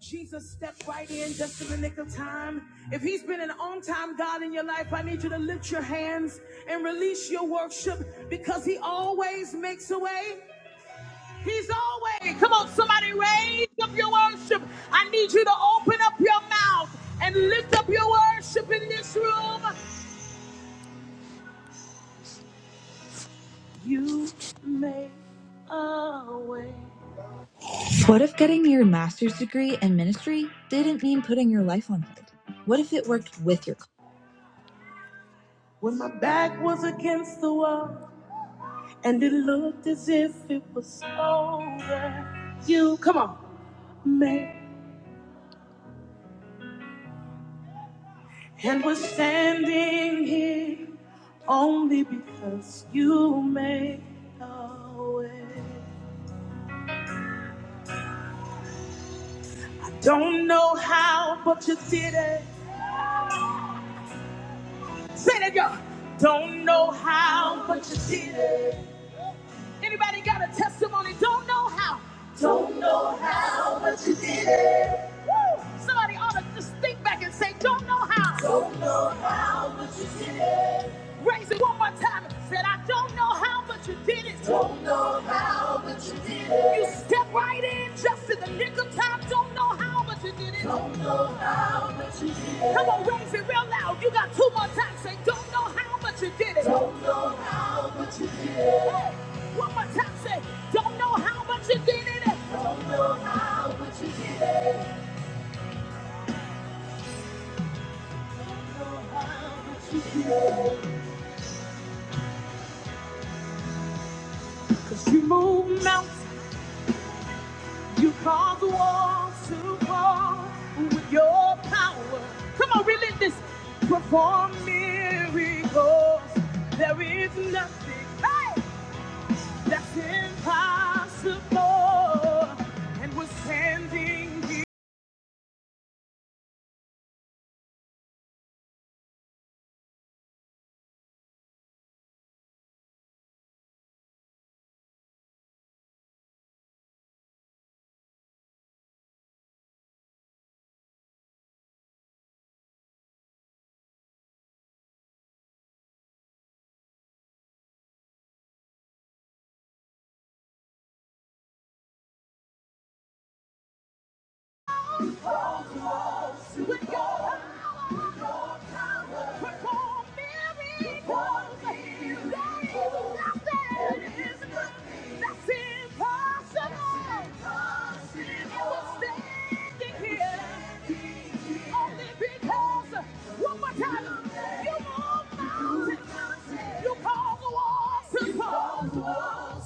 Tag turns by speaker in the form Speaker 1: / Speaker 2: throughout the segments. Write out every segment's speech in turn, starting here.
Speaker 1: Jesus stepped right in just in the nick of time. If he's been an on time God in your life, I need you to lift your hands and release your worship because he always makes a way. He's always. Come on, somebody raise up your worship. I need you to open up your mouth and lift up your worship in this room. You make a way. What if getting your master's degree in ministry didn't mean putting your life on hold? What if it worked with your When my back was against the wall and it looked as if it was over, you, come on, made and we're standing here only because you made a way. Don't know how, but you did it. Say that y'all. Don't know how, but you did it. Gotta Don't know how. Don't know how, but you did it. Woo! Somebody ought to just think back and say, don't know how. Raise it one more time. Said, I don't know how, but you did it. Don't know how, but you did it. You step right in just in the nick of time. Don't know how, but you did it. Don't know. Come on, raise it real loud. You got two more times. Say, don't know how, but you did it. don't, but you did it. Hey, one more time. Say, don't know how, but you did it. Cause you move mountains. You cause the walls to fall with your power. Come on, relive this. Perform miracles. There is nothing hey, that's impossible. And we're standing Only because, one more time, you move mountains. You call the walls to fall.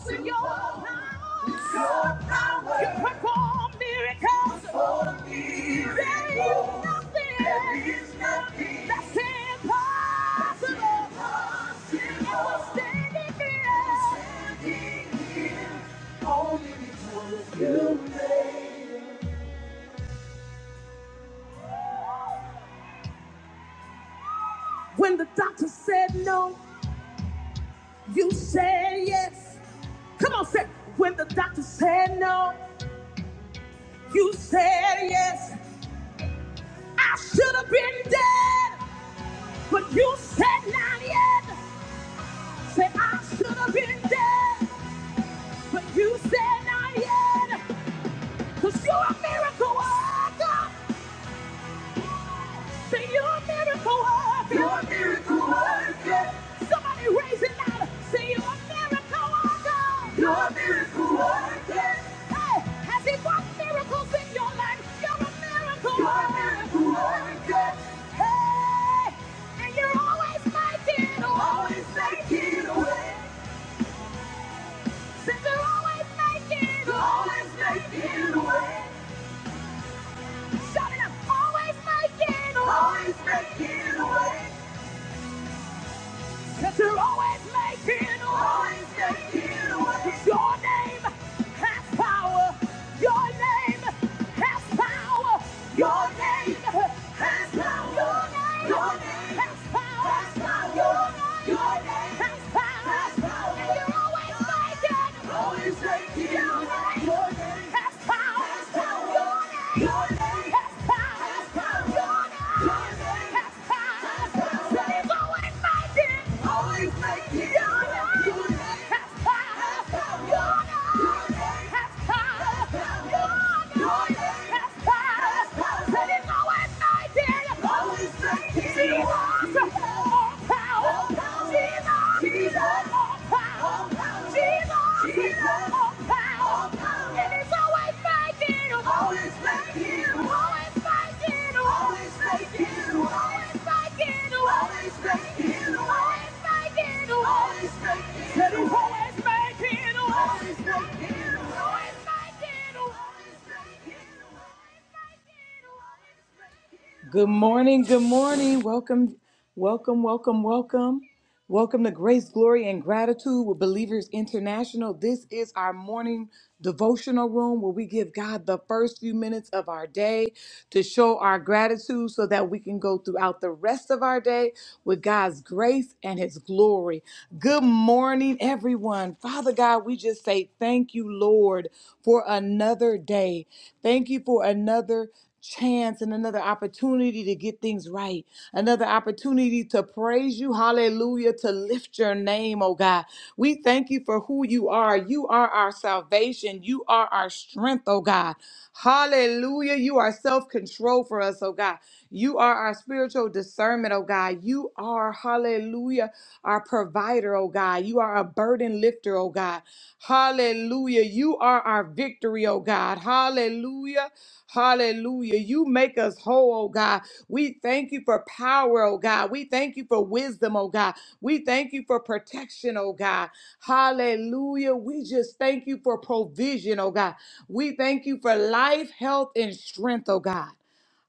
Speaker 1: With your power. With your power. You perform miracles. Perform miracles. There is nothing. There is nothing. That's impossible. That's Impossible. And we're standing here. we're Standing here. Only when the doctor said no, you said yes. Come on, say, when the doctor said no, you said yes. I should have been dead, but you said not yet. Said I should have been dead, but you said not yet. Cause you're a miracle worker. Say you're a miracle worker. You're a miracle worker. Somebody raise it louder. Say you're a miracle worker. You're a miracle worker. Hey, has he worked miracles in your life? You're a miracle You're a miracle worker. Hey, and you're always making a way. Always making a way. Says you're always making a way. Always making a way. Shout it up! Always making a way. Always making a way. Cause you're always making a way. Your name has power. Your name has power. Your name has power. Your name has power. Your name has power. And you're always making. Always making. Your name has power. Your name. She's an all power. Jesus! Jesus! power. Always making a way. Good morning, good morning. Welcome, welcome, welcome, welcome. Welcome to Grace, Glory, and Gratitude with Believers International. This is our morning devotional room where we give God the first few minutes of our day to show our gratitude so that we can go throughout the rest of our day with God's grace and His glory. Good morning, everyone. Father God, we just say thank you, Lord. Lord, for another day. Thank you for another chance and another opportunity to get things right, another opportunity to praise you. Hallelujah. To lift your name, oh God. We thank you for who you are. You are our salvation. You are our strength, oh God. Hallelujah. You are self control for us, oh God. You are our spiritual discernment, oh God. You are, hallelujah. Hallelujah. Our provider, oh God. You are a burden lifter, oh God. Hallelujah. You are our victory, oh God. Hallelujah. Hallelujah. You make us whole, oh God. We thank you for power, oh God. We thank you for wisdom, oh God. We thank you for protection, oh God. Hallelujah. We just thank you for provision, oh God. We thank you for life, health, and strength, oh God.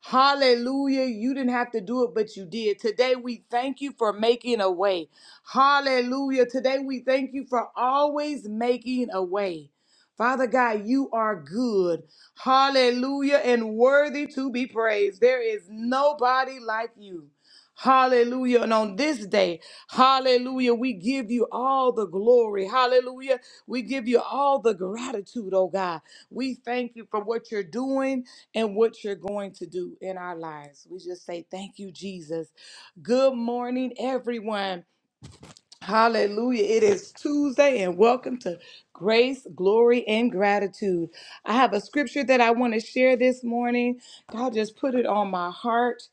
Speaker 1: Hallelujah. You didn't have to do it, but you did. Today, we thank you for making a way. Hallelujah. Today, we thank you for always making a way. Father God, you are good. Hallelujah. And worthy to be praised. There is nobody like you. Hallelujah. And on this day, hallelujah, we give you all the glory. Hallelujah. We give you all the gratitude, oh God. We thank you for what you're doing and what you're going to do in our lives. We just say, Thank you, Jesus. Good morning, everyone. Hallelujah. It is Tuesday, and welcome to Grace, Glory, and Gratitude. I have a scripture that I want to share this morning. God just put it on my heart.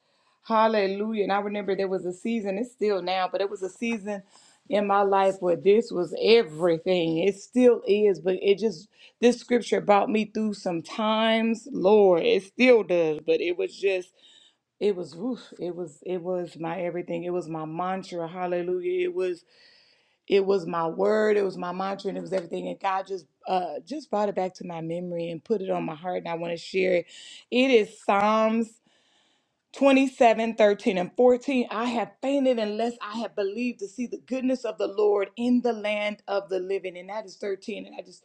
Speaker 1: Hallelujah. And I remember there was a season, it's still now, but it was a season in my life where this was everything. It still is, but it just, this scripture brought me through some times. Lord, it still does, but it was just. It was, oof, it was, it was my everything. It was my mantra. Hallelujah. It was it was my word, it was my mantra, and it was everything. And God just uh just brought it back to my memory and put it on my heart, and I want to share it. It is Psalms. 27, 13, and 14. I have fainted unless I have believed to see the goodness of the Lord in the land of the living. And that is 13. And I just,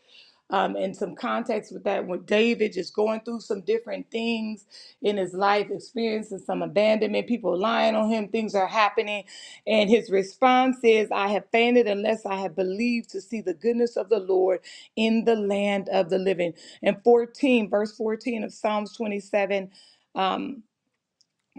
Speaker 1: um, in some context with that, when David just going through some different things in his life, experiencing some abandonment, people lying on him, things are happening. And his response is, I have fainted unless I have believed to see the goodness of the Lord in the land of the living. And 14, verse 14 of Psalms 27. Um,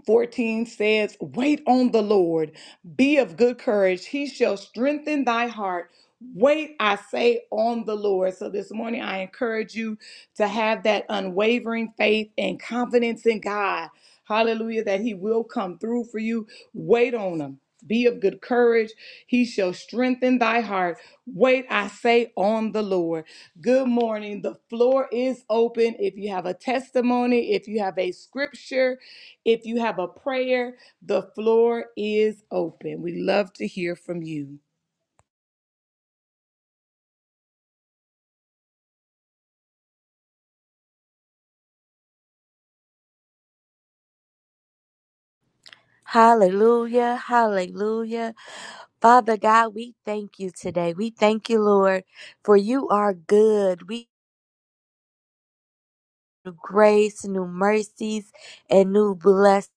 Speaker 1: 14 says, Wait on the Lord, be of good courage, he shall strengthen thy heart. Wait, I say, on the Lord. So this morning, I encourage you to have that unwavering faith and confidence in God. Hallelujah, that he will come through for you. Wait on him. Be of good courage. He shall strengthen thy heart. Wait, I say, on the Lord. Good morning. The floor is open. If you have a testimony, if you have a scripture, if you have a prayer, the floor is open. We love to hear from you.
Speaker 2: Hallelujah, hallelujah. Father God, we thank you today. We thank you, Lord, for you are good. We new grace, new mercies, and new blessings.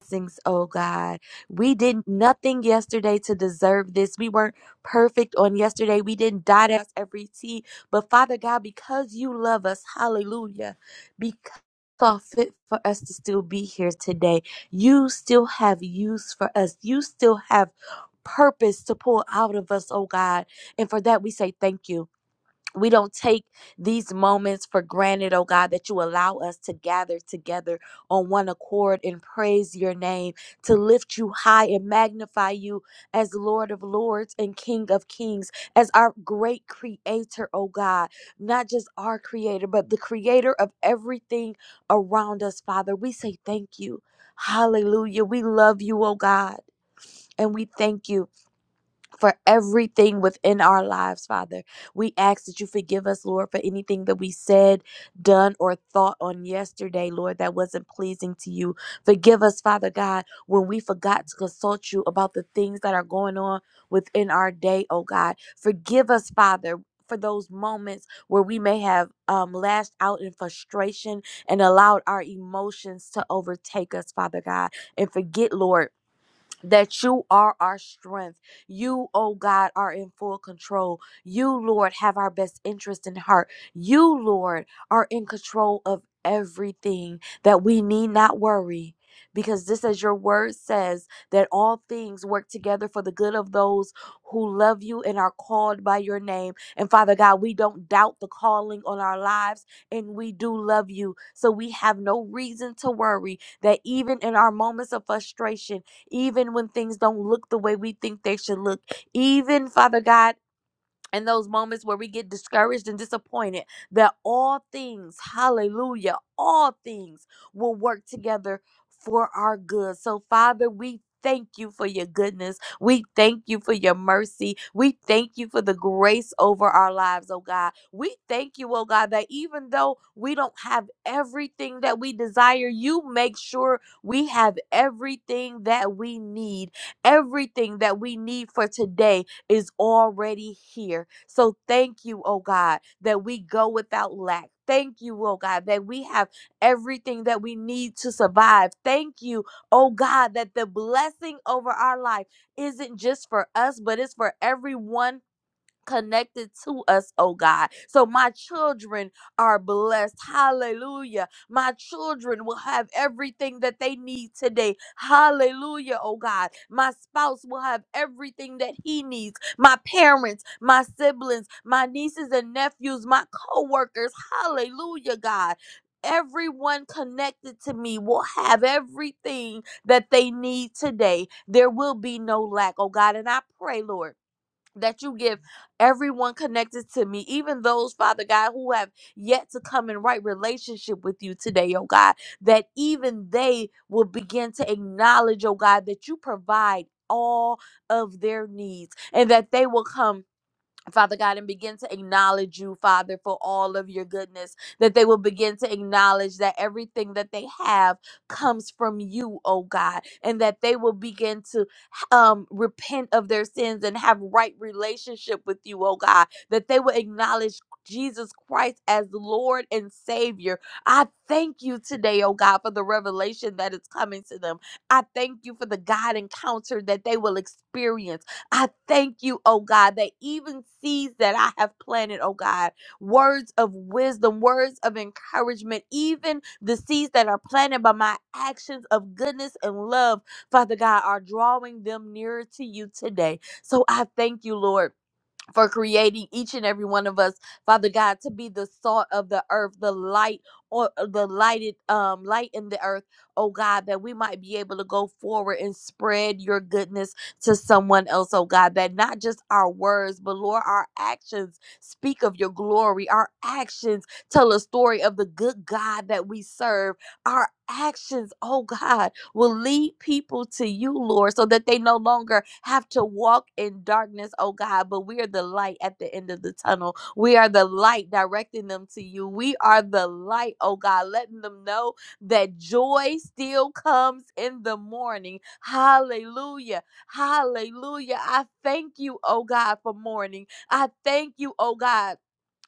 Speaker 2: blessings, oh God. We did nothing yesterday to deserve this. We weren't perfect on yesterday. We didn't dot us every T. But Father God, because you love us, hallelujah, because you saw fit for us to still be here today. You still have use for us. You still have purpose to pull out of us, oh God. And for that we say thank you we don't take these moments for granted, oh God, that you allow us to gather together on one accord and praise your name, to lift you high and magnify you as Lord of Lords and King of Kings, as our great creator, oh God, not just our creator, but the creator of everything around us, Father. We say thank you. Hallelujah. We love you, oh God, and we thank you for everything within our lives, Father. We ask that you forgive us, Lord, for anything that we said, done, or thought on yesterday, Lord, that wasn't pleasing to you. Forgive us, Father God, when we forgot to consult you about the things that are going on within our day, oh God. Forgive us, Father. For those moments where we may have um, lashed out in frustration and allowed our emotions to overtake us, Father God, and forget, Lord that you are our strength. You, oh God, are in full control. You, Lord, have our best interest in heart. You, Lord, are in control of everything that we need not worry. Because this, as your word says, that all things work together for the good of those who love you and are called by your name. And Father God, we don't doubt the calling on our lives, and we do love you. So we have no reason to worry that even in our moments of frustration, even when things don't look the way we think they should look, even Father God in those moments where we get discouraged and disappointed that all things, hallelujah, all things will work together for our good. So, Father, we thank you for your goodness. We thank you for your mercy. We thank you for the grace over our lives, oh God. We thank you, oh God, that even though we don't have everything that we desire, you make sure we have everything that we need, everything that we need for today is already here. So thank you, oh God, that we go without lack. Thank you, oh God, that we have everything that we need to survive. Thank you, oh God, that the blessing over our life isn't just for us, but it's for everyone connected to us, oh God. So my children are blessed. Hallelujah. My children will have everything that they need today. Hallelujah, oh God. My spouse will have everything that he needs. My parents, my siblings, my nieces and nephews, my co-workers. Hallelujah, God. Everyone connected to me will have everything that they need today. There will be no lack, oh God. And I pray, Lord that you give everyone connected to me, even those, Father God, who have yet to come in right relationship with you today, oh God, that even they will begin to acknowledge, oh God, that you provide all of their needs and that they will come Father God, and begin to acknowledge you, Father, for all of your goodness, that they will begin to acknowledge that everything that they have comes from you, oh God, and that they will begin to um, repent of their sins and have right relationship with you, oh God, that they will acknowledge Jesus Christ as Lord and Savior. I thank you today, oh God, for the revelation that is coming to them. I thank you for the God encounter that they will experience. I thank you, oh God, that even seeds that I have planted, oh God, words of wisdom, words of encouragement, even the seeds that are planted by my actions of goodness and love, Father God, are drawing them nearer to you today. So I thank you, Lord for creating each and every one of us, Father God, to be the salt of the earth, the light or uh, the lighted um light in the earth, oh God, that we might be able to go forward and spread your goodness to someone else, oh God, that not just our words, but Lord, our actions speak of your glory. Our actions tell a story of the good God that we serve. Our actions, oh God will lead people to you, Lord, so that they no longer have to walk in darkness, oh God, but we are the light at the end of the tunnel. We are the light directing them to you. We are the light, oh God, letting them know that joy still comes in the morning. Hallelujah. Hallelujah. I thank you, oh God, for morning. I thank you, oh God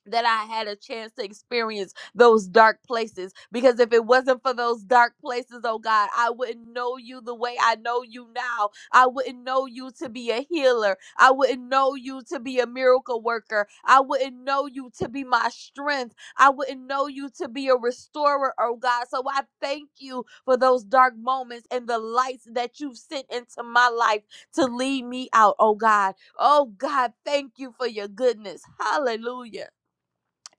Speaker 2: that I had a chance to experience those dark places. Because if it wasn't for those dark places, oh God, I wouldn't know you the way I know you now. I wouldn't know you to be a healer. I wouldn't know you to be a miracle worker. I wouldn't know you to be my strength. I wouldn't know you to be a restorer, oh God. So I thank you for those dark moments and the lights that you've sent into my life to lead me out, oh God. Oh God, thank you for your goodness. Hallelujah.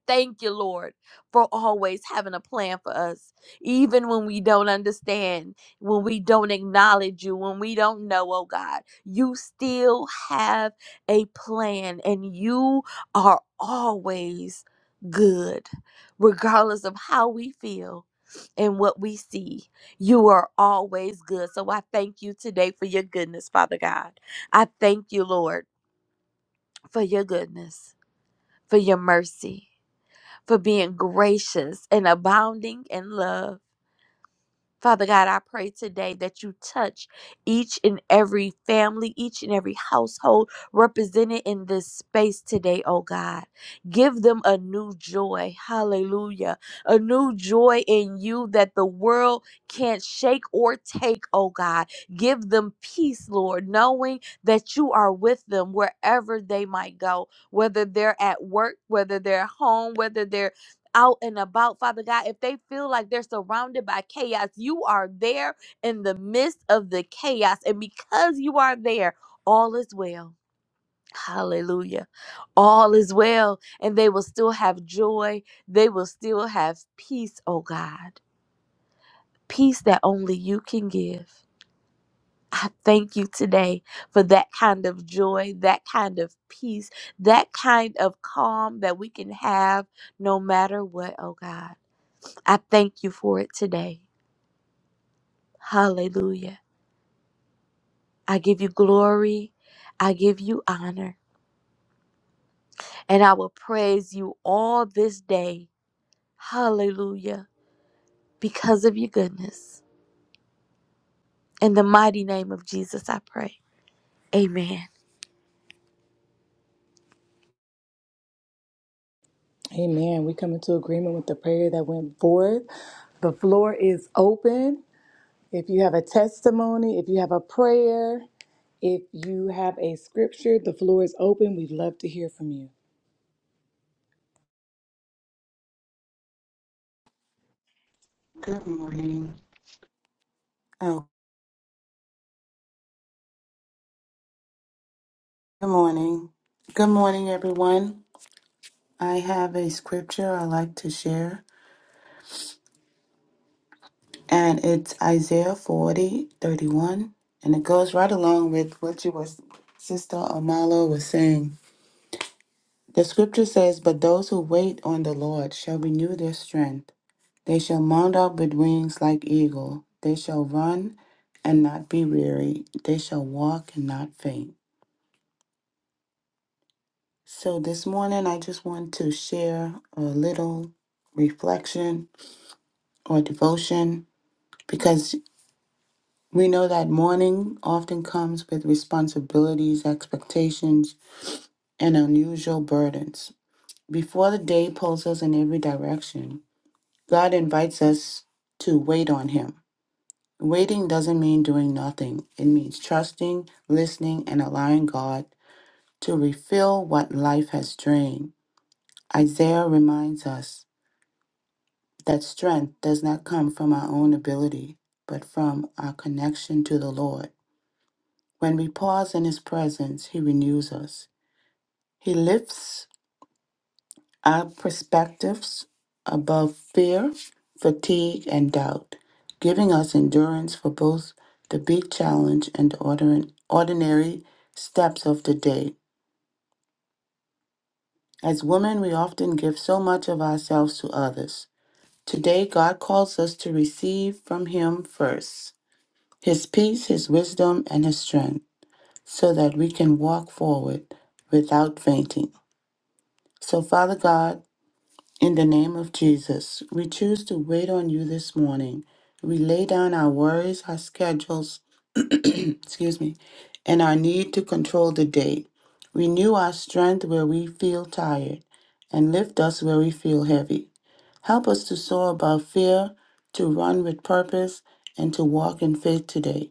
Speaker 2: Thank you, Lord, for always having a plan for us. Even when we don't understand, when we don't acknowledge you, when we don't know, oh God, you still have a plan and you are always good, regardless of how we feel and what we see. You are always good. So I thank you today for your goodness, Father God. I thank you, Lord, for your goodness, for your mercy for being gracious and abounding in love. Father God, I pray today that you touch each and every family, each and every household represented in this space today, oh God. Give them a new joy. Hallelujah. A new joy in you that the world can't shake or take, oh God. Give them peace, Lord, knowing that you are with them wherever they might go, whether they're at work, whether they're home, whether they're out and about, Father God, if they feel like they're surrounded by chaos, you are there in the midst of the chaos. And because you are there, all is well. Hallelujah. All is well. And they will still have joy. They will still have peace, oh God. Peace that only you can give. I thank you today for that kind of joy, that kind of peace, that kind of calm that we can have no matter what, oh God. I thank you for it today. Hallelujah. I give you glory. I give you honor. And I will praise you all this day. Hallelujah. Because of your goodness. In the mighty name of Jesus, I pray. Amen.
Speaker 1: Amen. We come into agreement with the prayer that went forth. The floor is open. If you have a testimony, if you have a prayer, if you have a scripture, the floor is open. We'd love to hear from you.
Speaker 3: Good morning. Oh, good morning. Good morning, everyone. I have a scripture I like to share, and it's Isaiah 40 31, and it goes right along with what you were, Sister Amala was saying. The scripture says, But those who wait on the Lord shall renew their strength. They shall mount up with wings like eagle. They shall run and not be weary. They shall walk and not faint. So, this morning I just want to share a little reflection or devotion because we know that mourning often comes with responsibilities, expectations, and unusual burdens. Before the day pulls us in every direction, God invites us to wait on Him. Waiting doesn't mean doing nothing, it means trusting, listening, and allowing God to refill what life has drained. Isaiah reminds us. that strength does not come from our own ability, but from our connection to the Lord. When we pause in His presence, He renews us. He lifts our perspectives above fear, fatigue, and doubt, giving us endurance for both the big challenge and the ordin- ordinary steps of the day. As women, we often give so much of ourselves to others. Today, God calls us to receive from Him first his peace, his wisdom, and his strength, so that we can walk forward without fainting. So, Father God, in the name of Jesus, we choose to wait on you this morning. We lay down our worries, our schedules, excuse me, and our need to control the day. Renew our strength where we feel tired and lift us where we feel heavy. Help us to soar above fear, to run with purpose, and to walk in faith today.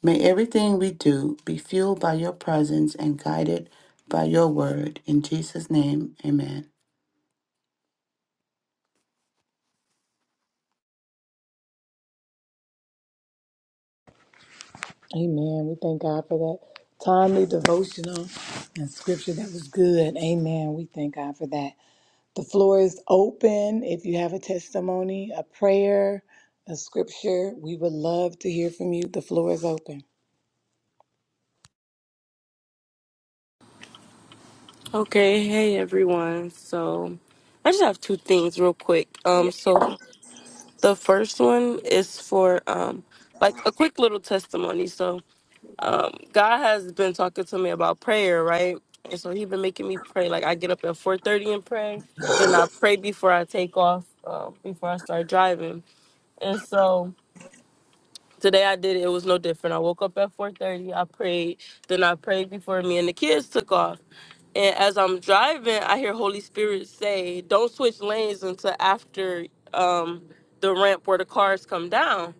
Speaker 3: May everything we do be fueled by your presence and guided by your word. In Jesus' name, amen.
Speaker 1: Amen. We thank God for that timely devotional and scripture that was good. Amen. We thank God for that. The floor is open. If you have a testimony, a prayer, a scripture, we would love to hear from you. The floor is open.
Speaker 4: Okay, hey everyone. So I just have two things real quick. Um so the first one is for um like a quick little testimony. So um God has been talking to me about prayer, right? And so he's been making me pray. Like I get up at four thirty and pray. Then I pray before I take off, um, before I start driving. And so today I did it, it was no different. I woke up at four thirty, I prayed, then I prayed before me and the kids took off. And as I'm driving, I hear Holy Spirit say, "Don't switch lanes until after um, the ramp where the cars come down."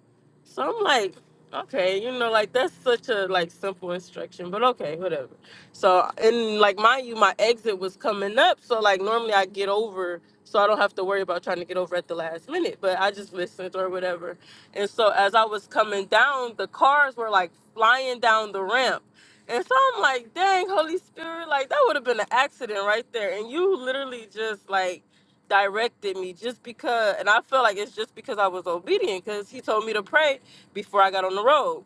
Speaker 4: So I'm like, "Okay, you know, like that's such a like simple instruction, but okay, whatever." So and like mind you, my exit was coming up, so like normally I get over, so I don't have to worry about trying to get over at the last minute. But I just listened or whatever. And so as I was coming down, the cars were like flying down the ramp and so I'm like, dang, Holy Spirit, like that would have been an accident right there. And you literally just like directed me just because, and I feel like it's just because I was obedient because he told me to pray before I got on the road.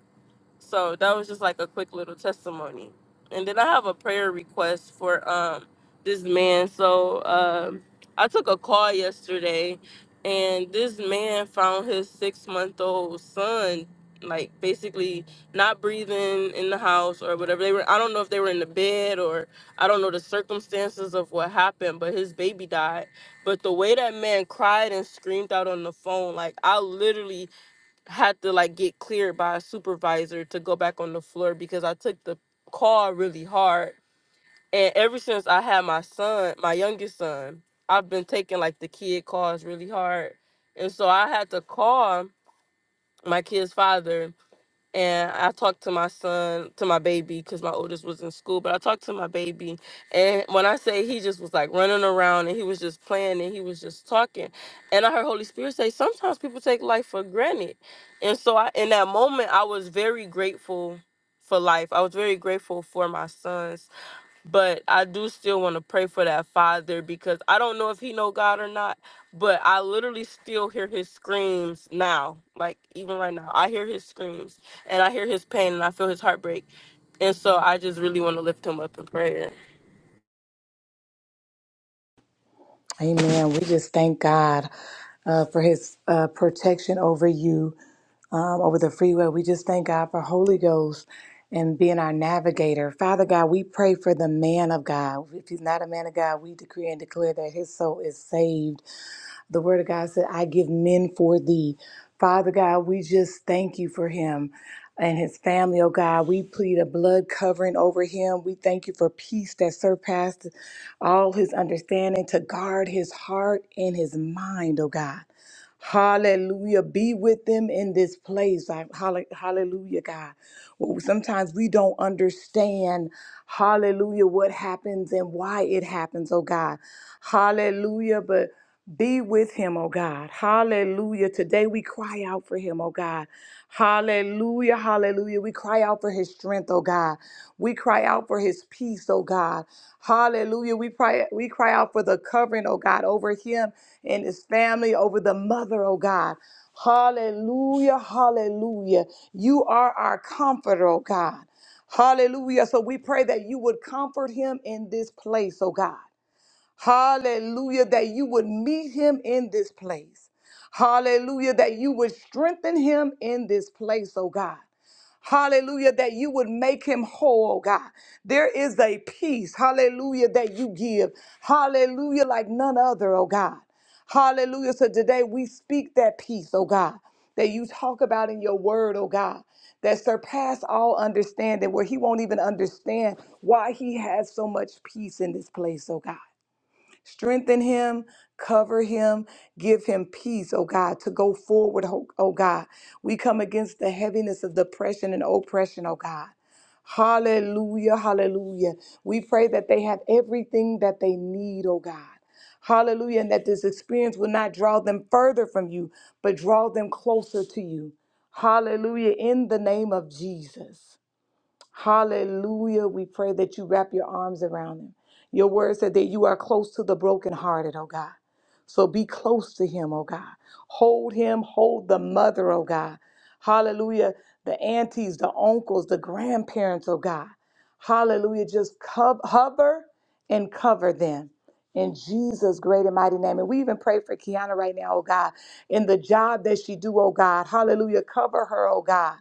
Speaker 4: So that was just like a quick little testimony. And then I have a prayer request for um this man. So um I took a call yesterday and this man found his six month old son like basically not breathing in the house or whatever they were I don't know if they were in the bed or I don't know the circumstances of what happened but his baby died but the way that man cried and screamed out on the phone like I literally had to like get cleared by a supervisor to go back on the floor because I took the call really hard. And ever since I had my son, my youngest son, I've been taking like the kid calls really hard. And so I had to call my kid's father and I talked to my son, to my baby, because my oldest was in school. But I talked to my baby, and when I say he just was like running around and he was just playing and he was just talking, and I heard Holy Spirit say, sometimes people take life for granted, and so I, in that moment, I was very grateful for life. I was very grateful for my sons but I do still want to pray for that father because I don't know if he know God or not, but I literally still hear his screams now, like even right now. I hear his screams and I hear his pain and I feel his heartbreak. And so I just really want to lift him up in prayer.
Speaker 1: Amen. We just thank God uh, for his uh, protection over you, um, over the freeway. We just thank God for Holy Ghost and being our navigator. Father God, we pray for the man of God. If he's not a man of God, we decree and declare that his soul is saved. The word of God said, I give men for thee. Father God, we just thank you for him and his family, oh God. We plead a blood covering over him. We thank you for peace that surpassed all his understanding to guard his heart and his mind, oh God. Hallelujah. Be with them in this place. I- halle- Hallelujah, God. Well, Sometimes we don't understand, hallelujah, what happens and why it happens, oh God. Hallelujah. But be with him, oh God. Hallelujah. Today we cry out for him, oh God. Hallelujah, hallelujah. We cry out for his strength, oh God. We cry out for his peace, oh God. Hallelujah. We cry, we cry out for the covering, oh God, over him and his family, over the mother, oh God. Hallelujah, hallelujah. You are our comforter, oh God. Hallelujah. So we pray that you would comfort him in this place, oh God. Hallelujah, that you would meet him in this place. Hallelujah, that you would strengthen him in this place, oh God. Hallelujah, that you would make him whole, oh God. There is a peace, hallelujah, that you give. Hallelujah, like none other, oh God. Hallelujah. So today we speak that peace, oh God, that you talk about in your word, oh God, that surpass all understanding, where he won't even understand why he has so much peace in this place, oh God. Strengthen him, cover him, give him peace, oh God, to go forward, oh oh God. We come against the heaviness of depression and oppression, oh God. Hallelujah, hallelujah. We pray that they have everything that they need, oh God. Hallelujah, and that this experience will not draw them further from you, but draw them closer to you. Hallelujah, in the name of Jesus. Hallelujah. We pray that you wrap your arms around them. Your word said that you are close to the brokenhearted, oh God. So be close to him, oh God. Hold him, hold the mother, oh God. Hallelujah. The aunties, the uncles, the grandparents, oh God. Hallelujah. Just cov- hover and cover them. In Jesus' great and mighty name. And we even pray for Kiana right now, oh God, in the job that she do, oh God. Hallelujah. Cover her, oh God.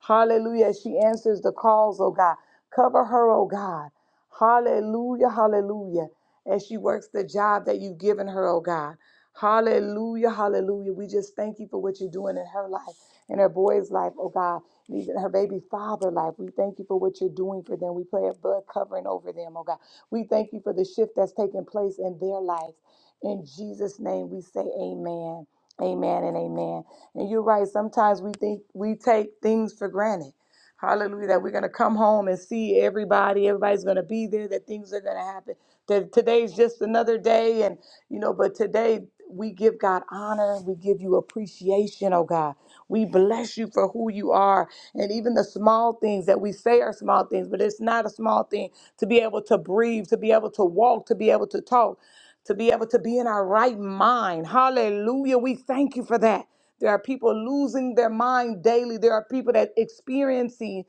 Speaker 1: Hallelujah. She answers the calls, oh God. Cover her, oh God. Hallelujah. Hallelujah. As she works the job that you've given her, oh God. Hallelujah. Hallelujah. We just thank you for what you're doing in her life, in her boy's life, oh God. and Even her baby father life. We thank you for what you're doing for them. We pray a blood covering over them, oh God. We thank you for the shift that's taking place in their lives. In Jesus' name, we say amen. Amen and amen. And you're right. Sometimes we think we take things for granted. Hallelujah. That we're going to come home and see everybody. Everybody's going to be there, that things are going to happen. That today's just another day. And, you know, but today we give God honor. We give you appreciation, oh God. We bless you for who you are. And even the small things that we say are small things, but it's not a small thing to be able to breathe, to be able to walk, to be able to talk, to be able to be in our right mind. Hallelujah. We thank you for that. There are people losing their mind daily. There are people that experiencing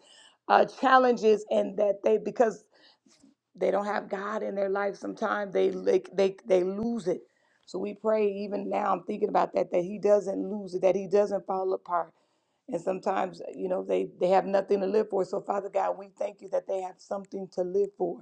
Speaker 1: uh, challenges and that they because they don't have God in their life. Sometimes they like they they lose it. So we pray even now. I'm thinking about that that He doesn't lose it, that He doesn't fall apart. And sometimes you know they they have nothing to live for. So Father God, we thank you that they have something to live for.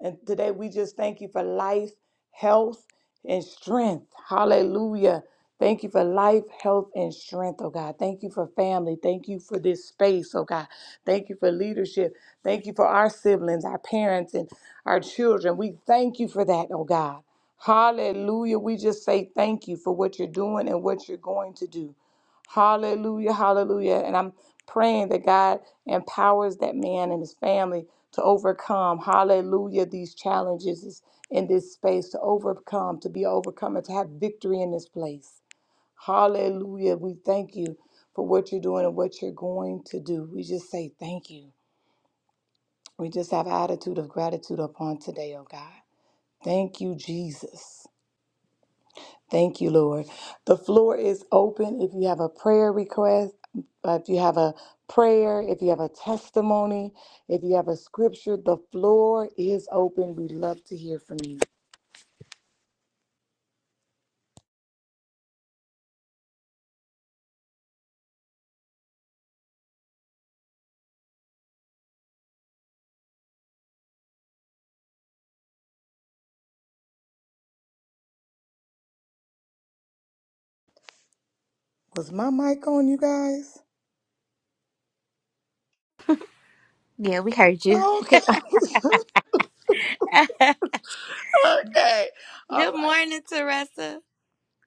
Speaker 1: And today we just thank you for life, health, and strength. Hallelujah. Thank you for life, health, and strength, oh God. Thank you for family. Thank you for this space, oh God. Thank you for leadership. Thank you for our siblings, our parents, and our children. We thank you for that, oh God. Hallelujah. We just say thank you for what you're doing and what you're going to do. Hallelujah, hallelujah. And I'm praying that God empowers that man and his family to overcome, hallelujah, these challenges in this space, to overcome, to be overcome, and to have victory in this place. Hallelujah. We thank you for what you're doing and what you're going to do. We just say thank you. We just have an attitude of gratitude upon today, oh God. Thank you, Jesus. Thank you, Lord. The floor is open. If you have a prayer request, uh, if you have a prayer, if you have a testimony, if you have a scripture, the floor is open. We'd love to hear from you. Was my mic on, you guys?
Speaker 2: Yeah, we heard you.
Speaker 1: Okay. Okay. All
Speaker 2: Good
Speaker 1: right.
Speaker 2: morning, Teresa.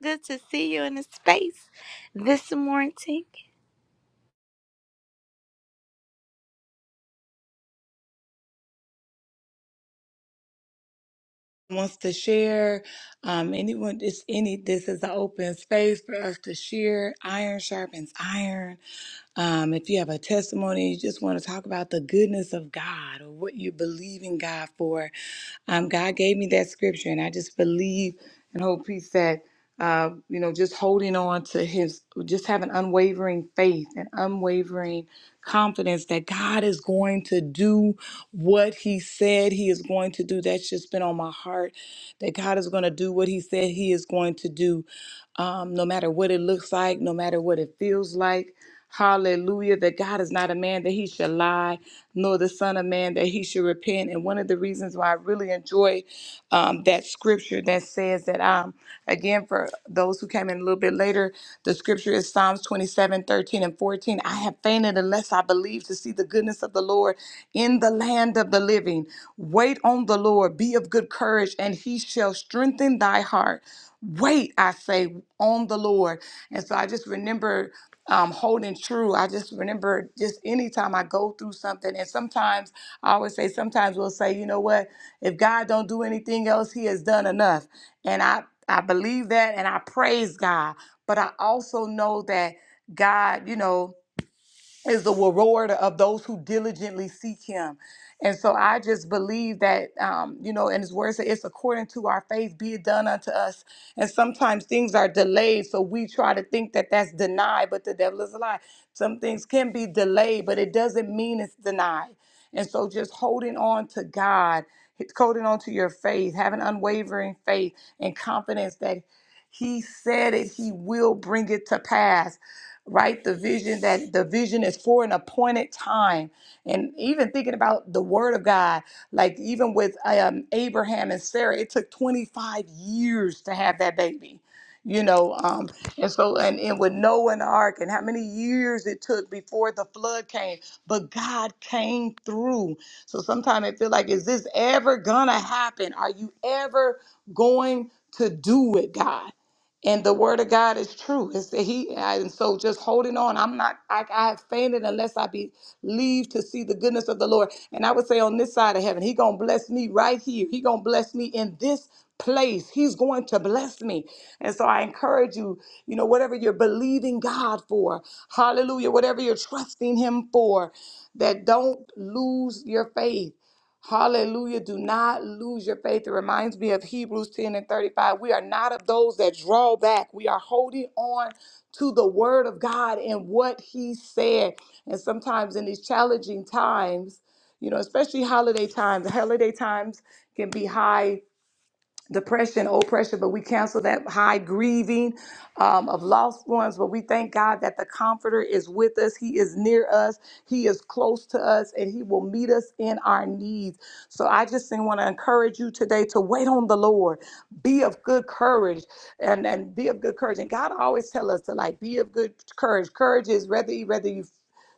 Speaker 2: Good to see you in the space this morning.
Speaker 1: wants to share, um, anyone, it's any, this is an open space for us to share. Iron sharpens iron. Um, if you have a testimony, you just want to talk about the goodness of God or what you believe in God for. Um, God gave me that scripture, and I just believe and hope He said uh, you know, just holding on to his, just having unwavering faith and unwavering confidence that God is going to do what he said he is going to do. That's just been on my heart that God is going to do what he said he is going to do, um, no matter what it looks like, no matter what it feels like. Hallelujah. That God is not a man that he should lie, nor the Son of Man that he should repent. And one of the reasons why I really enjoy um, that scripture that says that um again for those who came in a little bit later the scripture is psalms 27 13 and 14 i have fainted unless i believe to see the goodness of the lord in the land of the living wait on the lord be of good courage and he shall strengthen thy heart wait i say waited on the Lord. And so I just remember um, holding true. I just remember just anytime I go through something, and sometimes I always say, sometimes we'll say, you know what, if God don't do anything else, He has done enough. And I I believe that, and I praise God. But I also know that God, you know is the rewarder of those who diligently seek him. And so I just believe that, um, you know, and his word says, it's according to our faith, be it done unto us. And sometimes things are delayed. So we try to think that that's denied, but the devil is a lie. Some things can be delayed, but it doesn't mean it's denied. And so just holding on to God, holding on to your faith, having unwavering faith and confidence that he said it, he will bring it to pass. Right? The vision that the vision is for an appointed time. And even thinking about the word of God, like even with um, Abraham and Sarah, it took 25 years to have that baby. You know, um, and so and, and with Noah and the ark and how many years it took before the flood came, but God came through. So sometimes I feel like, is this ever gonna happen? Are you ever going to do it, God? and the word of God is true. It's that he and so just holding on. I'm not I, I have fainted unless I believe to see the goodness of the Lord. And I would say on this side of heaven, he gonna bless me right here. He gonna bless me in this place. He's going to bless me. And so I encourage you, you know, whatever you're believing God for, hallelujah, whatever you're trusting him for, that don't lose your faith. Hallelujah. Do not lose your faith. It reminds me of Hebrews 10 and 35. We are not of those that draw back. We are holding on to the word of God and what he said. And sometimes in these challenging times, you know, especially holiday times, holiday times can be high depression, oppression, but we cancel that high grieving um, of lost ones. But we thank God that the Comforter is with us. He is near us. He is close to us, and He will meet us in our needs. So I just want to encourage you today to wait on the Lord. Be of good courage, and and be of good courage. And God always tell us to like be of good courage. Courage is whether whether you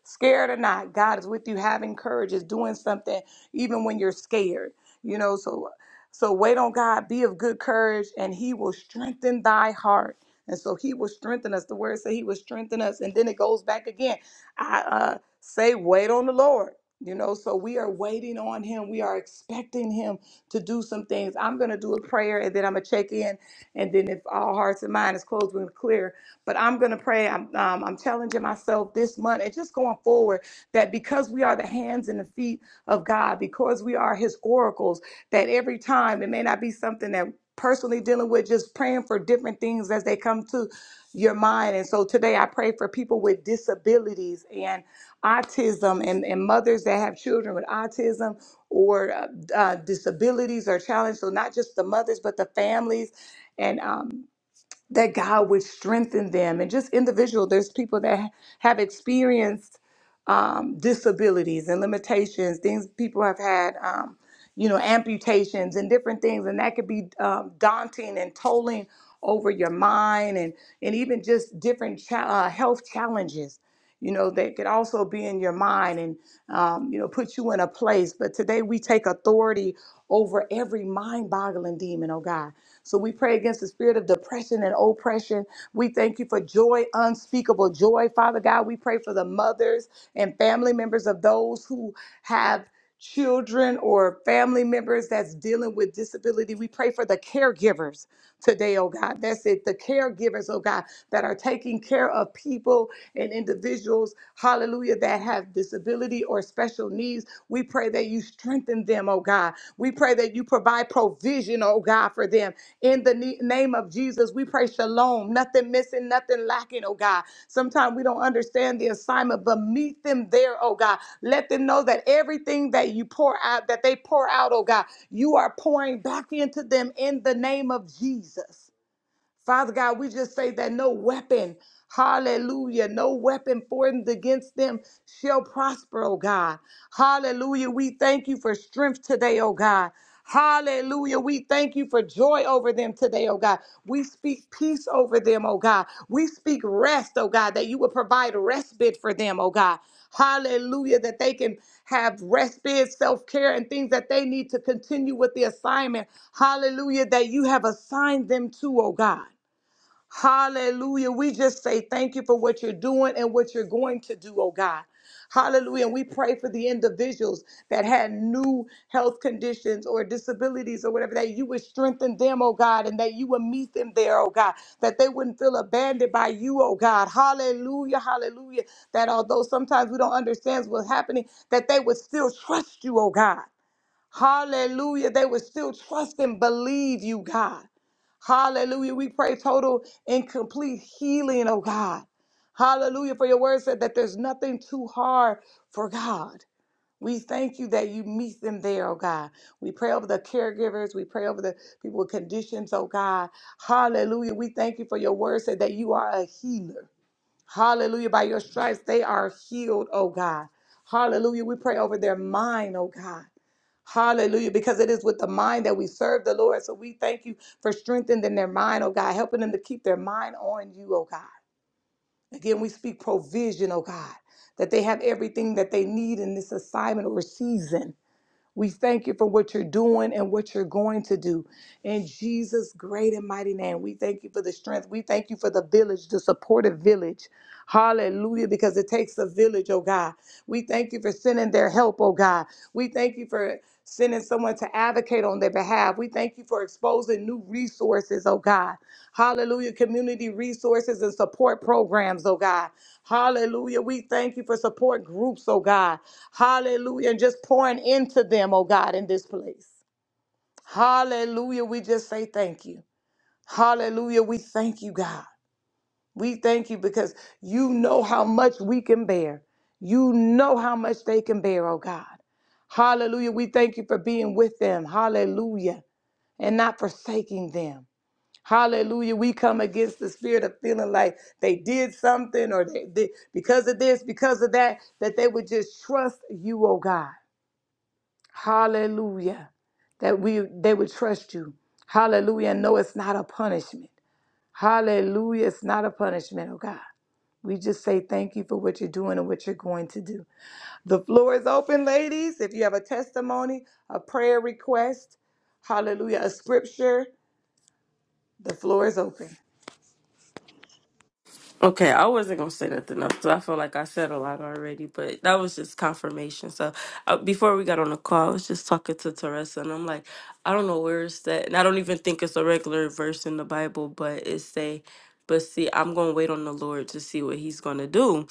Speaker 1: scared or not god is with you having courage is doing something even when you're scared you know so so wait on God, be of good courage, and he will strengthen thy heart. And so he will strengthen us. The word says he will strengthen us. And then it goes back again. I uh, say, wait on the Lord. You know, so we are waiting on him. We are expecting him to do some things. I'm going to do a prayer and then I'm going to check in. And then if all hearts and minds is closed, we're clear. But I'm going to pray. I'm, um, I'm challenging myself this month and just going forward that because we are the hands and the feet of God, because we are his oracles, that every time it may not be something that personally dealing with just praying for different things as they come to your mind and so today i pray for people with disabilities and autism and, and mothers that have children with autism or uh, uh, disabilities or challenges so not just the mothers but the families and um, that God would strengthen them and just individual. There's people that have experienced um, disabilities and limitations, things people have had, um, you know, amputations and different things, and that could be um, daunting and tolling over your mind and and even just different cha- uh, health challenges you know, that could also be in your mind and, um, you know, put you in a place. But today we take authority over every mind boggling demon, oh God. So we pray against the spirit of depression and oppression. We thank you for joy, unspeakable joy. Father God, we pray for the mothers and family members of those who have children or family members that's dealing with disability. We pray for the caregivers today, oh God. That's it. The caregivers, oh God, that are taking care of people and individuals, hallelujah, that have disability or special needs. We pray that you strengthen them, oh God. We pray that you provide provide provision, oh God, for them. In the ne- name of Jesus, we pray shalom, nothing missing, nothing lacking, oh God. Sometimes we don't understand the assignment, but meet them there, oh God. Let them know that everything that you pour out, that they pour out, oh God, you are pouring back into them in the name of Jesus. Father God, we just say that no weapon, hallelujah, no weapon formed against them shall prosper, oh God. Hallelujah. We thank you for strength today, oh God. Hallelujah. We thank you for joy over them today, oh God. We speak peace over them, oh God. We speak rest, oh God, that you will provide respite for them, oh God. Hallelujah. That they can have respite, self care, and things that they need to continue with the assignment. Hallelujah. That you have assigned them to, oh God. Hallelujah. We just say thank you for what you're doing and what you're going to do, oh God. Hallelujah. And we pray for the individuals that had new health conditions or disabilities or whatever, that you would strengthen them, oh God, and that you would meet them there, oh God, that they wouldn't feel abandoned by you, oh God. Hallelujah. Hallelujah. That although sometimes we don't understand what's happening, that they would still trust you, oh God. Hallelujah. They would still trust and believe you, God. Hallelujah. We pray total and complete healing, oh God. Hallelujah. For your word said that there's nothing too hard for God. We thank you that you meet them there, oh God. We pray over the caregivers. We pray over the people with conditions, oh God. Hallelujah. We thank you for your word said that you are a healer. Hallelujah. By your stripes, they are healed, oh God. Hallelujah. We pray over their mind, oh God. Hallelujah. Because it is with the mind that we serve the Lord. So we thank you for strengthening their mind, oh God, helping them to keep their mind on you, oh God. Again, we speak provision, oh God, that they have everything that they need in this assignment or season. We thank you for what you're doing and what you're going to do. In Jesus' great and mighty name, we thank you for the strength. We thank you for the village, the supportive village. Hallelujah, because it takes a village, oh God. We thank you for sending their help, oh God. We thank you for sending someone to advocate on their behalf. We thank you for exposing new resources, oh God. Hallelujah. Community resources and support programs, oh God. Hallelujah. We thank you for support groups, oh God. Hallelujah. And just pouring into them, oh God, in this place. Hallelujah. We just say thank you. Hallelujah. We thank you, God. We thank you because you know how much we can bear. You know how much they can bear, oh God. Hallelujah. We thank you for being with them. Hallelujah. And not forsaking them. Hallelujah. We come against the spirit of feeling like they did something or they, they because of this, because of that, that they would just trust you, oh God. Hallelujah. That we they would trust you. Hallelujah. And know it's not a punishment. Hallelujah. It's not a punishment, oh God. We just say thank you for what you're doing and what you're going to do. The floor is open, ladies. If you have a testimony, a prayer request, hallelujah, a scripture, the floor is open.
Speaker 4: Okay, I wasn't gonna say nothing else because I feel like I said a lot already, but that was just confirmation. So uh, before we got on the call, I was just talking to Teresa, and I'm like, I don't know where it's at, and I don't even think it's a regular verse in the Bible, but it say, but see, I'm gonna wait on the Lord to see what He's gonna do.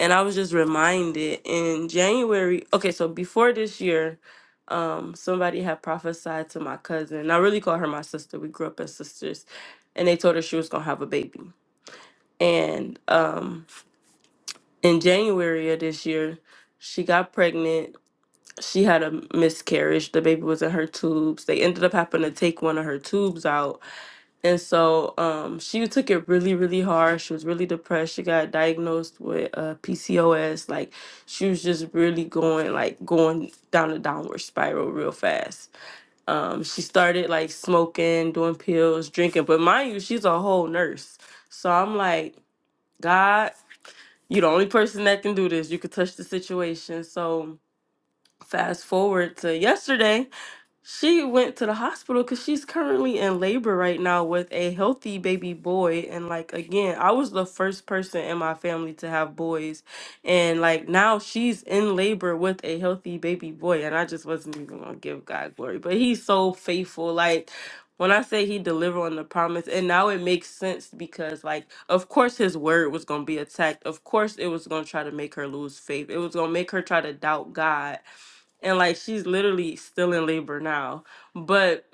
Speaker 4: And I was just reminded in January. Okay, so before this year, um, somebody had prophesied to my cousin. and I really call her my sister. We grew up as sisters, and they told her she was gonna have a baby and um, in January of this year, she got pregnant. She had a miscarriage. The baby was in her tubes. They ended up having to take one of her tubes out. And so um, she took it really, really hard. She was really depressed. She got diagnosed with uh, PCOS. Like she was just really going, like going down a downward spiral real fast. Um, she started like smoking, doing pills, drinking. But mind you, she's a whole nurse. So I'm like, God you the only person that can do this. You could touch the situation. So fast forward to yesterday. She went to the hospital because she's currently in labor right now with a healthy baby boy. And like again, I was the first person in my family to have boys. And like now she's in labor with a healthy baby boy. And I just wasn't even gonna give God glory. But he's so faithful. Like when I say he delivered on the promise, and now it makes sense because like of course his word was gonna be attacked. Of course it was gonna try to make her lose faith. It was gonna make her try to doubt God and like she's literally still in labor now but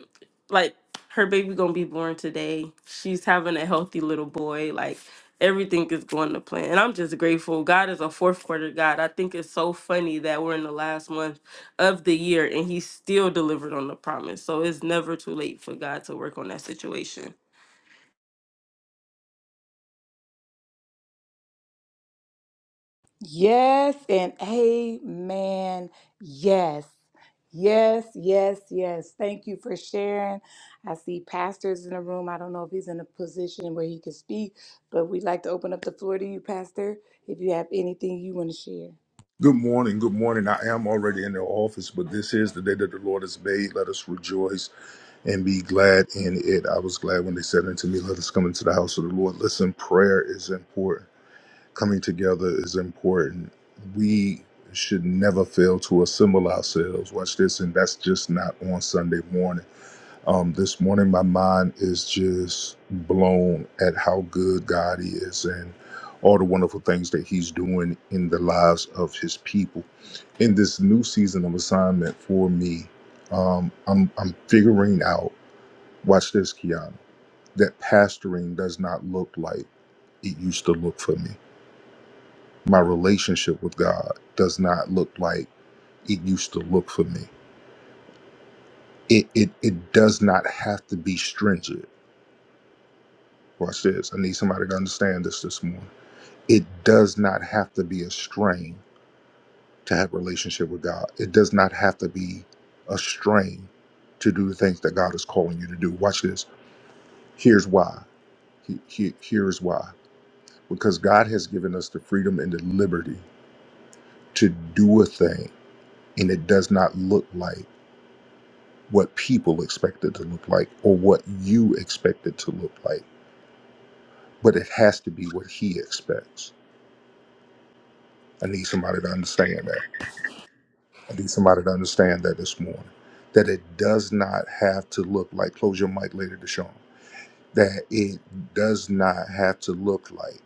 Speaker 4: like her baby gonna be born today she's having a healthy little boy like everything is going to plan and i'm just grateful god is a fourth quarter god i think it's so funny that we're in the last month of the year and he still delivered on the promise so it's never too late for god to work on that situation
Speaker 1: Yes and amen. Yes. Yes, yes, yes. Thank you for sharing. I see pastors in the room. I don't know if he's in a position where he can speak, but we'd like to open up the floor to you, Pastor, if you have anything you want to share.
Speaker 5: Good morning. Good morning. I am already in the office, but this is the day that the Lord has made. Let us rejoice and be glad in it. I was glad when they said unto me, Let us come into the house of the Lord. Listen, prayer is important. Coming together is important. We should never fail to assemble ourselves. Watch this, and that's just not on Sunday morning. Um, this morning, my mind is just blown at how good God is and all the wonderful things that He's doing in the lives of His people. In this new season of assignment for me, um, I'm, I'm figuring out, watch this, Kiana, that pastoring does not look like it used to look for me. My relationship with God does not look like it used to look for me. It, it, it does not have to be stringent Watch this. I need somebody to understand this this morning. It does not have to be a strain to have a relationship with God. It does not have to be a strain to do the things that God is calling you to do. Watch this. Here's why. He- he- Here's why. Because God has given us the freedom and the liberty to do a thing, and it does not look like what people expect it to look like or what you expect it to look like, but it has to be what He expects. I need somebody to understand that. I need somebody to understand that this morning. That it does not have to look like close your mic later, Deshawn. That it does not have to look like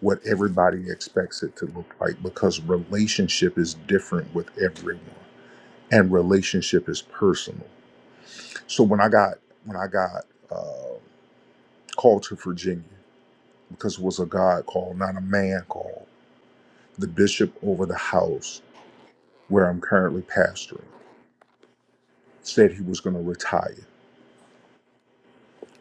Speaker 5: what everybody expects it to look like because relationship is different with everyone and relationship is personal. So when I got when I got uh, called to Virginia because it was a God call, not a man call, the bishop over the house where I'm currently pastoring said he was going to retire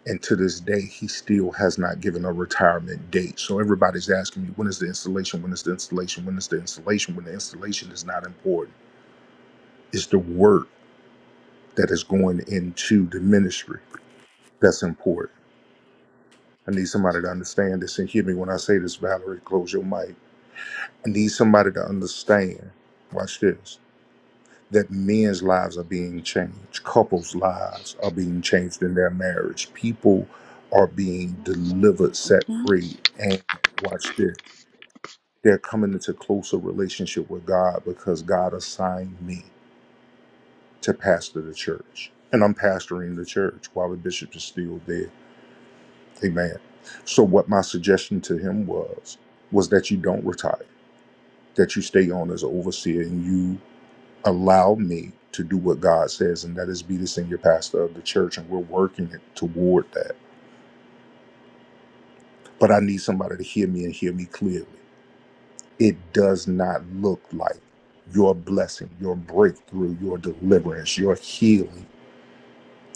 Speaker 5: And to this day, he still has not given a retirement date. So everybody's asking me, when is the installation? When is the installation? When is the installation? When the installation is not important. It's the work that is going into the ministry that's important. I need somebody to understand this and hear me when I say this, Valerie, close your mic. I need somebody to understand, watch this, that men's lives are being changed, couples' lives are being changed in their marriage, people are being
Speaker 3: Now
Speaker 5: delivered, set
Speaker 3: open.
Speaker 5: free, and watch this They're coming into closer relationship with God because God assigned me to pastor the church. And I'm pastoring the church while the bishop is still there. Amen. So what my suggestion to him was was that you don't retire, that you stay on as an overseer and you allow me to do what God says, and that is be the senior pastor of the church, and we're working it toward that. But I need somebody to hear me and hear me clearly. it does not look like your blessing, your breakthrough, your deliverance, your healing,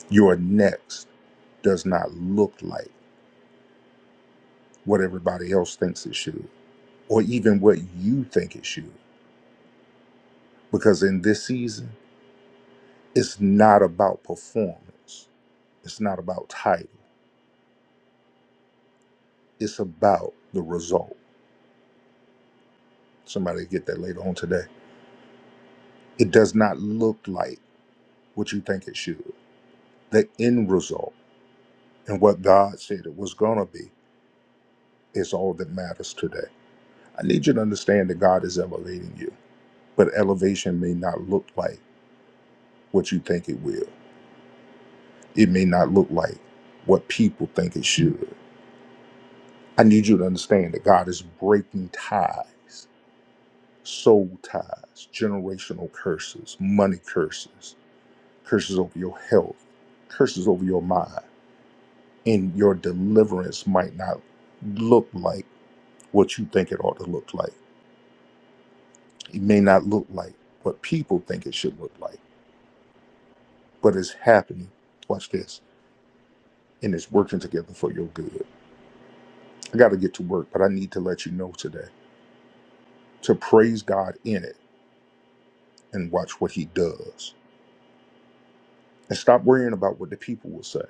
Speaker 5: your next does not look like what everybody else thinks it should, or even what you think it should. Because in this season, it's not about performance, it's not about title, it's about the result. Somebody get that later on today. It does not look like what you think it should, the end result and what God said it was going to be is all that matters today. I need you to understand that God is elevating you, but elevation may not look like what you think it will. It may not look like what people think it should. I need you to understand that God is breaking ties, soul ties, generational curses, money curses, curses over your health, curses over your mind. And your deliverance might not look like what you think it ought to look like. It may not look like what people think it should look like but it's happening. Watch this. And it's working together for your good. I got to get to work, but I need to let you know today to praise God in it and watch what He does. And stop worrying about what the people will say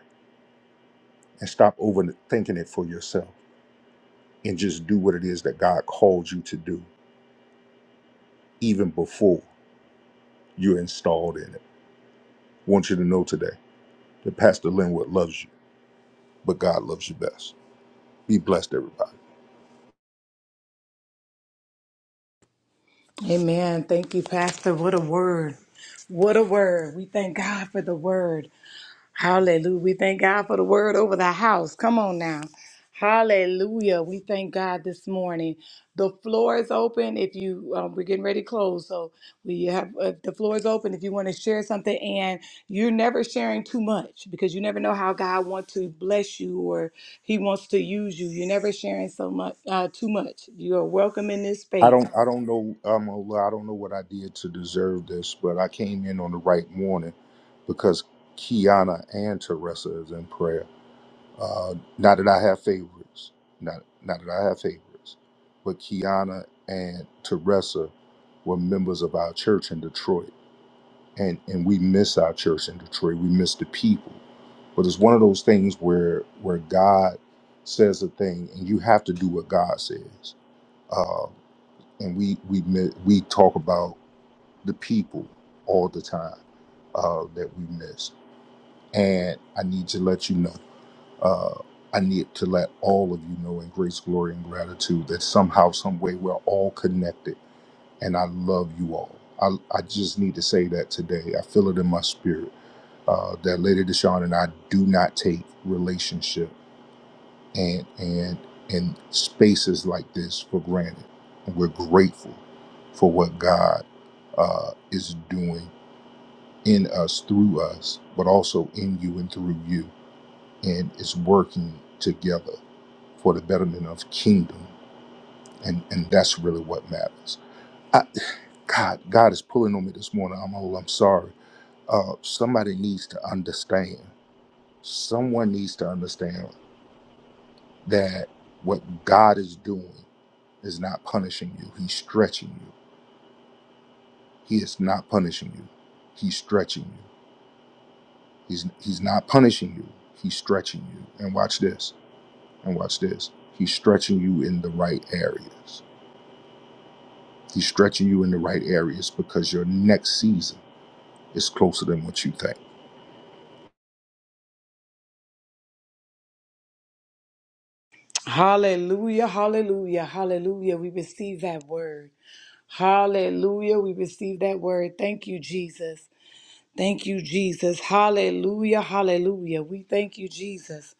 Speaker 5: and stop overthinking it for yourself and just do what it is that God called you to do even before you're installed in it. I want you to know today that Pastor Linwood loves you, but God loves you best. Be blessed, everybody.
Speaker 1: Amen. Thank you, Pastor. What a word. What a word. We thank God for the word. Hallelujah. We thank God for the word over the house. Come on now. Hallelujah. We thank God this morning. The floor is open. If you, um, we're getting ready to close. So we have, uh, the floor is open if you want to share something. And you're never sharing too much because you never know how God wants to bless you or he wants to use you. You're never sharing so much, uh, too much. You are welcome in this
Speaker 5: I
Speaker 1: space.
Speaker 5: don't I don't know I'm gonna lie, I don't know what I did to deserve this, but I came in on the right morning because Kiana and Teresa is in prayer. Uh, not that I have favorites, not not that I have favorites, but Kiana and Teresa were members of our church in Detroit, and and we miss our church in Detroit. We miss the people, but it's one of those things where where God says a thing, and you have to do what God says. Uh, and we we mi- we talk about the people all the time uh, that we miss. And I need to let you know. Uh, I need to let all of you know in grace, glory, and gratitude that somehow, some way, we're all connected. And I love you all. I I just need to say that today. I feel it in my spirit uh, that Lady Deshawn and I do not take relationship and and and spaces like this for granted. And we're grateful for what God uh, is doing in us, through us, but also in you and through you, and it's working together for the betterment of kingdom, and and that's really what matters. I, God, God is pulling on me this morning. I'm old. I'm sorry. Uh, somebody needs to understand. Someone needs to understand that what God is doing. is not punishing you. He's stretching you. He is not punishing you. He's stretching you. He's he's not punishing you. He's stretching you. And watch this. And watch this. He's stretching you in the right areas. He's stretching you in the right areas because your next season is closer than what you think.
Speaker 1: Hallelujah, hallelujah, hallelujah. We receive that word. Hallelujah, we receive that word. Thank you, Jesus. Thank you, Jesus. Hallelujah, hallelujah. We thank you, Jesus.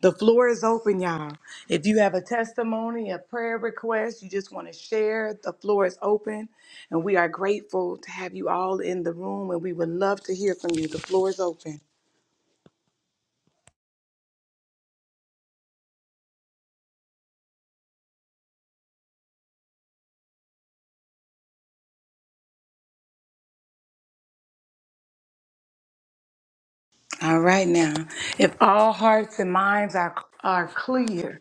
Speaker 1: The floor is open, y'all. If you have a testimony, a prayer request, you just want to share, the floor is open. And we are grateful to have you all in the room, and we would love to hear from you. The floor is open. All right, now, if all hearts and minds are, are clear,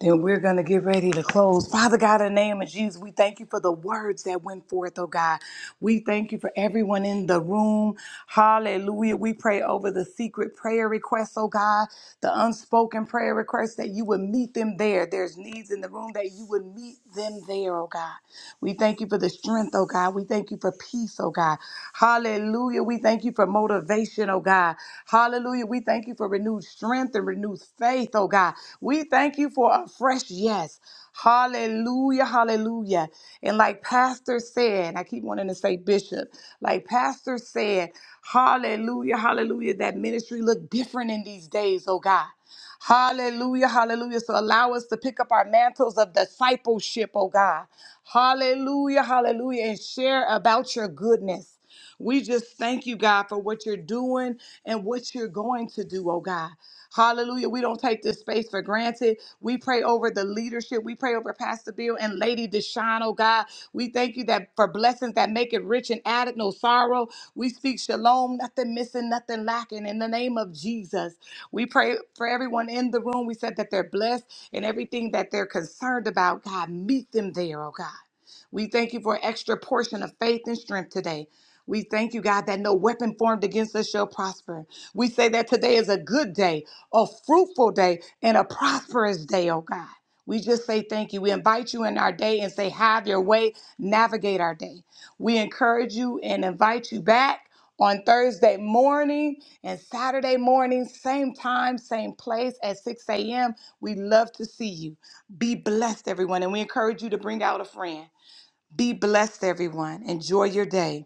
Speaker 1: Then we're going to get ready to close. Father God, in the name of Jesus, we thank you for the words that went forth, oh God. We thank you for everyone in the room. Hallelujah. We pray over the secret prayer requests, oh God, the unspoken prayer requests that you would meet them there. There's needs in the room that you would meet them there, oh God. We thank you for the strength, oh God. We thank you for peace, oh God. Hallelujah. We thank you for motivation motivation, oh God. Hallelujah. We thank you for renewed strength and renewed faith, oh God. We thank you for a fresh yes. Hallelujah, hallelujah. And like Pastor said, I keep wanting to say Bishop, like Pastor said, hallelujah, hallelujah, that ministry looked different in these days, oh God. Hallelujah, hallelujah. So allow us to pick up our mantles of discipleship, oh God. Hallelujah, hallelujah. And share about your goodness. We just thank you, God, for what you're doing and what you're going to do, oh God. Hallelujah. We don't take this space for granted. We pray over the leadership. We pray over Pastor Bill and Lady Deshaun, oh God. We thank you that for blessings that make it rich and added no sorrow. We speak shalom, nothing missing, nothing lacking in the name of Jesus. We pray for everyone in the room. We said that they're blessed and everything that they're concerned about, God, meet them there, oh God. We thank you for extra portion of faith and strength today. We thank you, God, that no weapon formed against us shall prosper. We say that today is a good day, a fruitful day, and a prosperous day, oh God. We just say thank you. We invite you in our day and say, have your way, navigate our day. We encourage you and invite you back on Thursday morning and Saturday morning, same time, same place at 6 a.m. We love to see you. Be blessed, everyone. And we encourage you to bring out a friend. Be blessed, everyone. Enjoy your day.